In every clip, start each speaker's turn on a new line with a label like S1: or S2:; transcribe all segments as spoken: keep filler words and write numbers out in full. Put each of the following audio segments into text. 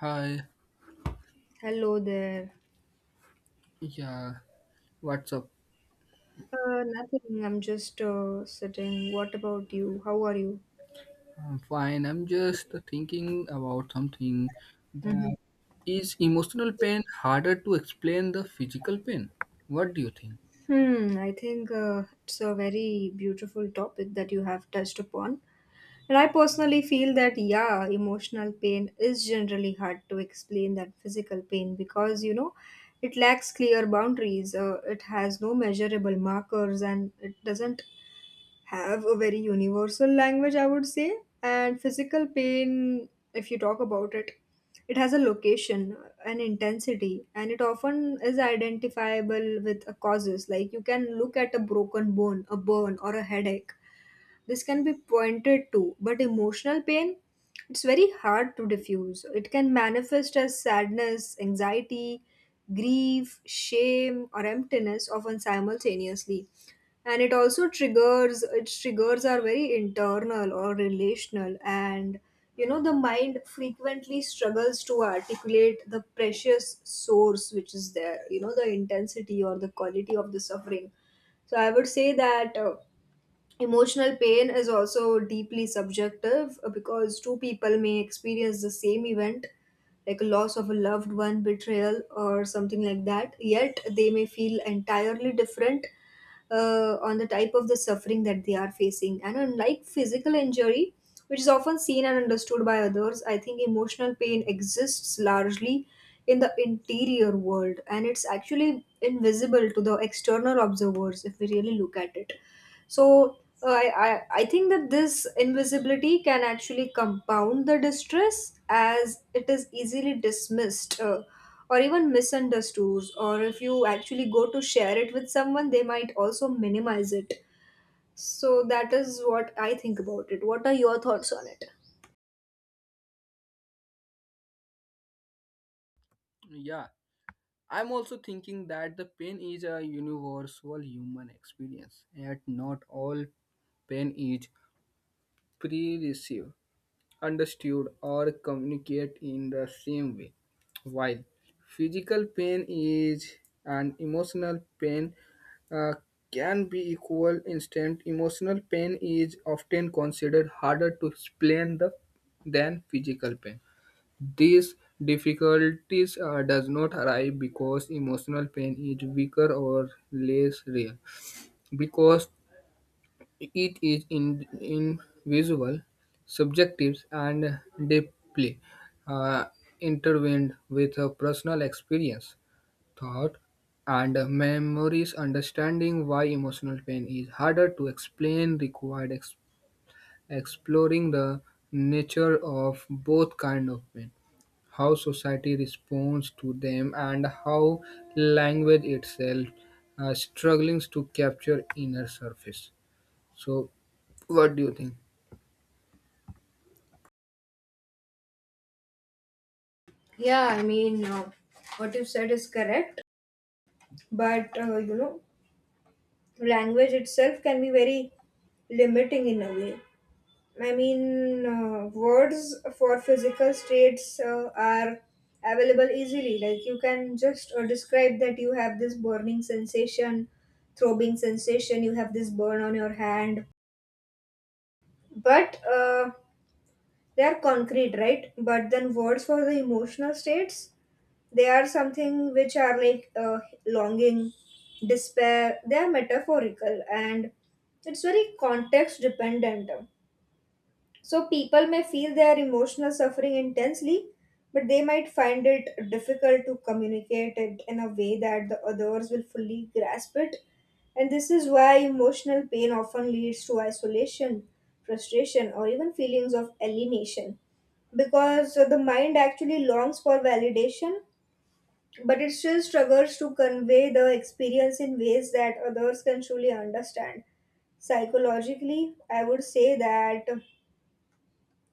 S1: Hi,
S2: Hello there.
S1: yeah, what's up?
S2: Uh, nothing. I'm just uh, sitting. What about you? How are you?
S1: I'm fine. I'm just thinking about something. That
S2: Mhm.
S1: is emotional pain harder to explain the physical pain. What do you think?
S2: Hmm. I think uh, it's a very beautiful topic that you have touched upon. And I personally feel that, yeah, emotional pain is generally hard to explain than physical pain because, you know, it lacks clear boundaries. Uh, it has no measurable markers and it doesn't have a very universal language, I would say. And physical pain, if you talk about it, it has a location, an intensity, and it often is identifiable with a causes. Like you can look at a broken bone, a burn, or a headache, this can be pointed to, but emotional pain, it's very hard to diffuse. It can manifest as sadness, anxiety, grief, shame, or emptiness, often simultaneously. And it also triggers, its triggers are very internal or relational. And you know, the mind frequently struggles to articulate the precious source which is there, you know, the intensity or the quality of the suffering. So I would say that. uh, Emotional pain is also deeply subjective uh, because two people may experience the same event, like a loss of a loved one, betrayal, or something like that, yet they may feel entirely different uh, on the type of the suffering that they are facing. And unlike physical injury, which is often seen and understood by others, I think emotional pain exists largely in the interior world and it's actually invisible to the external observers if we really look at it. So uh, I, I I think that this invisibility can actually compound the distress as it is easily dismissed. Uh, or even misunderstood, or if you actually go to share it with someone they might also minimize it. So that is what I think about it. What are your thoughts on it?
S1: Yeah, I'm also thinking that the pain is a universal human experience, yet not all pain is pervasive. Understood or communicate in the same way. While physical pain is an emotional pain uh, can be equal instant, emotional pain is often considered harder to explain the, than physical pain. These difficulties uh, does not arise because emotional pain is weaker or less real because it is in, invisible, subjective, and deeply uh, intertwined with a personal experience, thought, and memories. Understanding why emotional pain is harder to explain required ex- exploring the nature of both kind of pain, how society responds to them, and how language itself uh, struggles to capture inner surface. So, what do you think?
S2: Yeah, I mean, uh, what you said is correct, but uh, you know, language itself can be very limiting in a way. I mean, uh, words for physical states uh, are available easily. Like you can just uh, describe that you have this burning sensation, throbbing sensation, you have this burn on your hand. But uh, they are concrete, right? But then words for the emotional states, they are something which are like uh, longing, despair. They are metaphorical and it's very context dependent. So people may feel their emotional suffering intensely, but they might find it difficult to communicate it in a way that the others will fully grasp it. And this is why emotional pain often leads to isolation, frustration, or even feelings of alienation. Because the mind actually longs for validation, but it still struggles to convey the experience in ways that others can truly understand. Psychologically, I would say that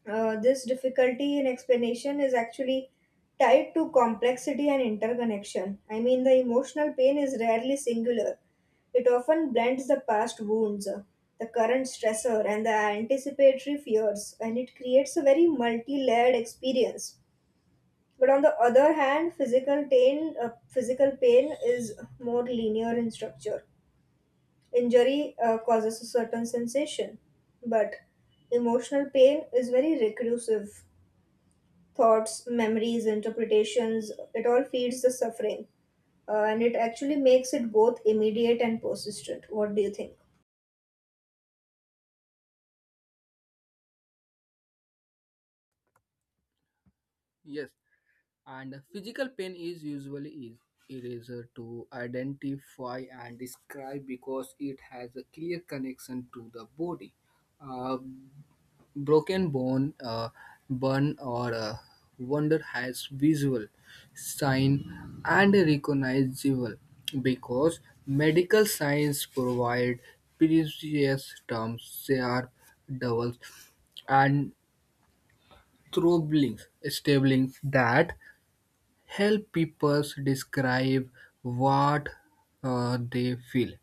S2: uh, this difficulty in explanation is actually tied to complexity and interconnection. I mean, the emotional pain is rarely singular. It often blends the past wounds, uh, the current stressor, and the anticipatory fears, and it creates a very multi layered experience. But on the other hand, physical pain, uh, physical pain is more linear in structure. Injury uh, causes a certain sensation, but emotional pain is very recursive. Thoughts, memories, interpretations, it all feeds the suffering. Uh, and it actually makes it both immediate and persistent. What do you think?
S1: Yes, and physical pain is usually is eraser to identify and describe because it has a clear connection to the body. A broken bone, a burn, or a wound has visual sign and recognizable because medical science provide precise terms, they are doubles, and troubling, stabling that help people describe what uh, they feel.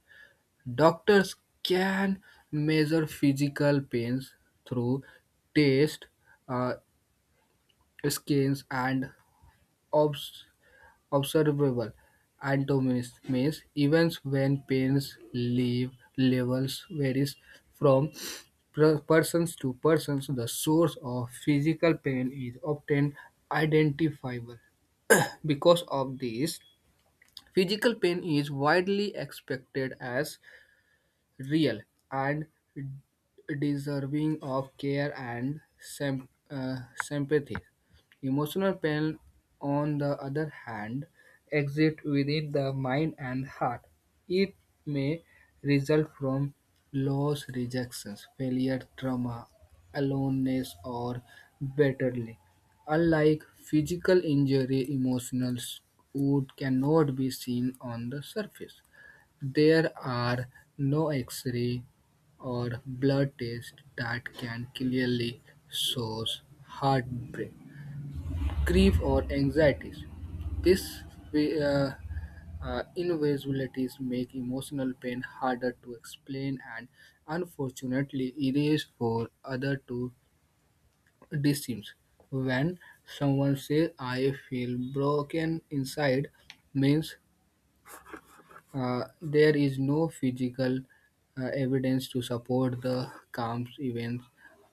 S1: Doctors can measure physical pains through taste, uh, scans, and obs- observable anatomies. Means even when pains leave levels varies from per- persons to persons, the source of physical pain is often identifiable. Because of this, physical pain is widely expected as real and deserving of care and sym- uh, sympathy. Emotional pain, on the other hand, exists within the mind and heart. It may result from loss, rejections, failure, trauma, aloneness, or bitterly. Unlike physical injury, emotional wound cannot be seen on the surface. There are no X-ray or blood tests that can clearly source heartbreak, grief, or anxieties. These uh, uh, invisibilities make emotional pain harder to explain and unfortunately erase for other to distance. When someone says I feel broken inside means, Uh, there is no physical uh, evidence to support the calm's events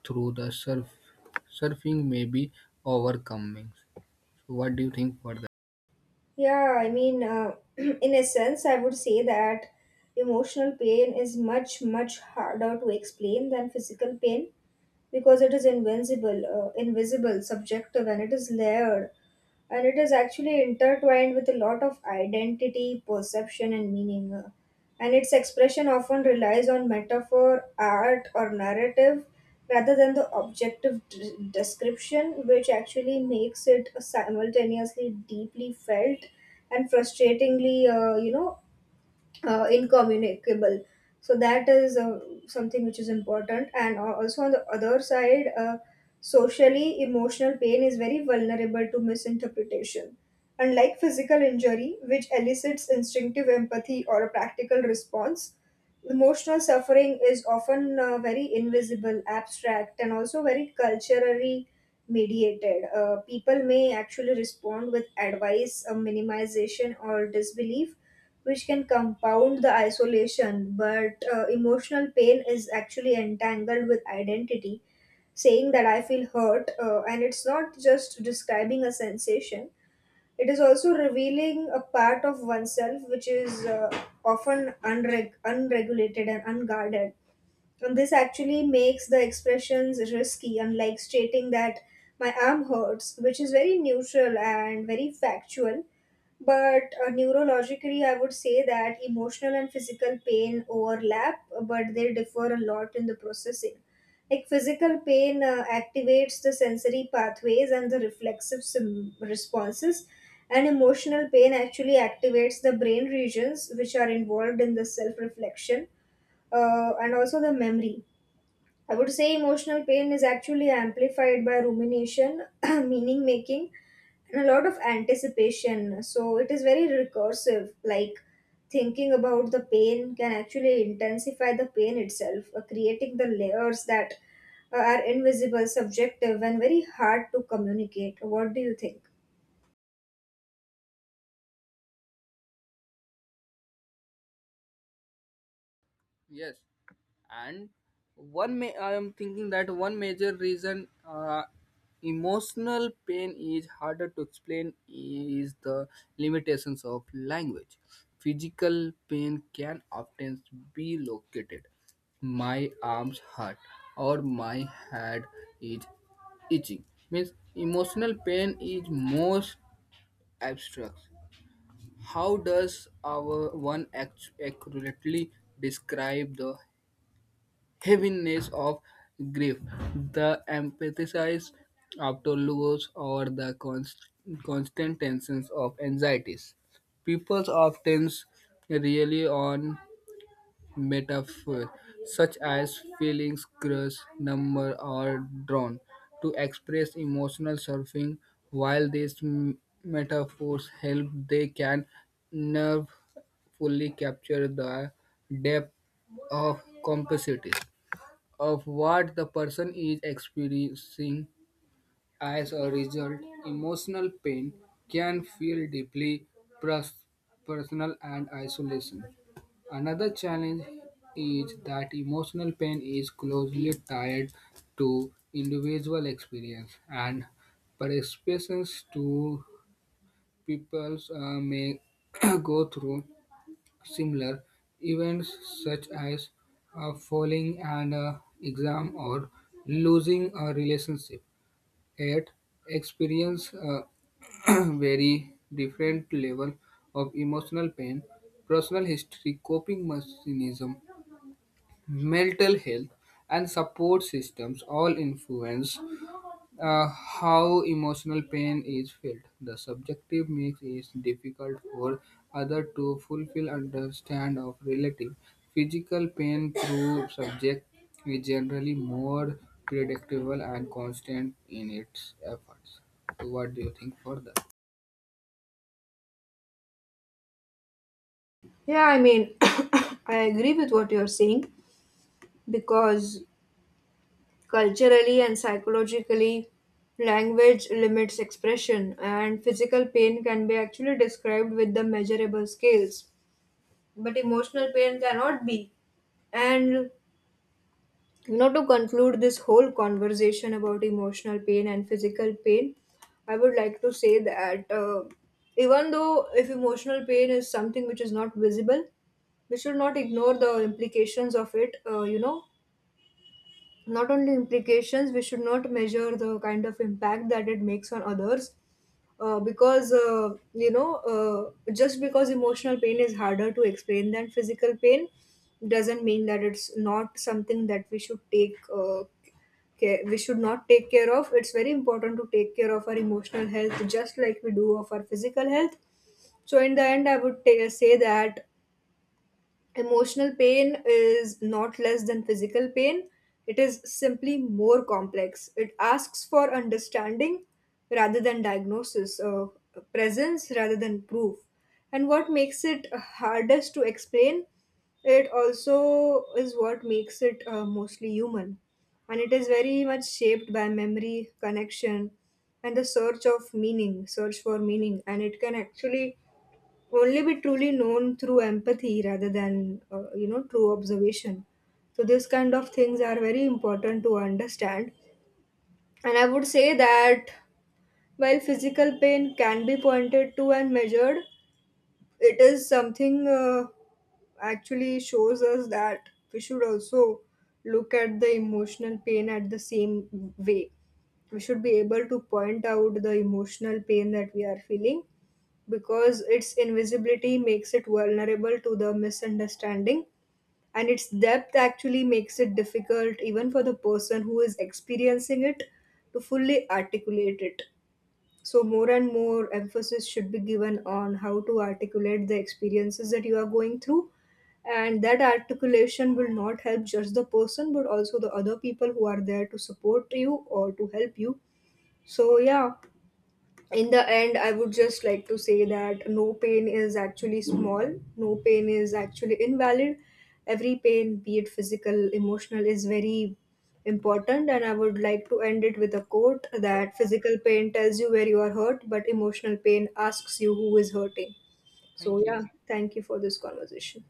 S1: through the surf. Surfing may be overcoming. So what do you think for that?
S2: Yeah, I mean, uh, in a sense, I would say that emotional pain is much, much harder to explain than physical pain because it is invincible, uh, invisible, subjective, and it is layered. And it is actually intertwined with a lot of identity, perception, and meaning. uh, And its expression often relies on metaphor, art, or narrative rather than the objective d- description, which actually makes it simultaneously deeply felt and frustratingly, uh, you know, uh, incommunicable. So that is uh, something which is important. And al- also on the other side, uh, socially emotional pain is very vulnerable to misinterpretation. Unlike physical injury, which elicits instinctive empathy or a practical response, emotional suffering is often uh, very invisible, abstract, and also very culturally mediated. Uh, people may actually respond with advice, uh, minimization, or disbelief which can compound the isolation. But uh, emotional pain is actually entangled with identity. Saying that I feel hurt, uh, and it's not just describing a sensation, it is also revealing a part of oneself which is uh, often unreg- unregulated and unguarded. And this actually makes the expressions risky, unlike stating that my arm hurts, which is very neutral and very factual. But uh, neurologically, I would say that emotional and physical pain overlap, but they differ a lot in the processing. Like physical pain uh, activates the sensory pathways and the reflexive sim- responses, and emotional pain actually activates the brain regions which are involved in the self reflection uh, and also the memory. I would say emotional pain is actually amplified by rumination, meaning making, and a lot of anticipation. So it is very recursive. Like thinking about the pain can actually intensify the pain itself, uh, creating the layers that uh, are invisible, subjective, and very hard to communicate. What do you think?
S1: Yes, and one may I am thinking that one major reason uh, emotional pain is harder to explain is the limitations of language. Physical pain can often be located. My arms hurt or my head is itching. Means emotional pain is most abstract. How does our one act- accurately describe the heaviness of grief, the emphasis after loss, or the const- constant tensions of anxieties. People often rely on metaphors such as feelings, crush, number, or drawn to express emotional surfing. While these m- metaphors help, they can nerve fully capture the depth of complexities of what the person is experiencing as a result. Emotional pain can feel deeply pers- personal and isolation. Another challenge is that emotional pain is closely tied to individual experience and perceptions to people uh, may go through similar events such as uh, failing an uh, exam or losing a relationship yet experience a very different level of emotional pain, personal history, coping mechanism, mental health, and support systems all influence uh, how emotional pain is felt. The subjective mix is difficult for other to fulfill understand of relative. Physical pain through subject is generally more predictable and constant in its efforts. So what do you think for that?
S2: Yeah, I mean, I agree with what you're saying because culturally and psychologically, language limits expression, and physical pain can be actually described with the measurable scales, but emotional pain cannot be. And you know, to conclude this whole conversation about emotional pain and physical pain, I would like to say that uh, even though if emotional pain is something which is not visible, we should not ignore the implications of it. Uh, you know, not only implications, we should not measure the kind of impact that it makes on others uh, because uh, you know uh, just because emotional pain is harder to explain than physical pain doesn't mean that it's not something that we should take uh, care, we should not take care of. It's very important to take care of our emotional health just like we do of our physical health. So in the end I would ta say that emotional pain is not less than physical pain, it is simply more complex. It asks for understanding rather than diagnosis, uh, presence rather than proof. And what makes it hardest to explain, it also is what makes it uh, mostly human. And it is very much shaped by memory, connection, and the search of meaning, search for meaning. And it can actually only be truly known through empathy rather than uh, you know true observation. So this kind of things are very important to understand. And I would say that while physical pain can be pointed to and measured, it is something uh, actually shows us that we should also look at the emotional pain at the same way. We should be able to point out the emotional pain that we are feeling because its invisibility makes it vulnerable to the misunderstanding, and its depth actually makes it difficult even for the person who is experiencing it to fully articulate it. So more and more emphasis should be given on how to articulate the experiences that you are going through, and that articulation will not help just the person but also the other people who are there to support you or to help you. So yeah, in the end I would just like to say that no pain is actually small, no pain is actually invalid. Every pain, be it physical, emotional, is very important. And I would like to end it with a quote that physical pain tells you where you are hurt, but emotional pain asks you who is hurting. So
S1: Thank you.
S2: yeah, thank you for this conversation.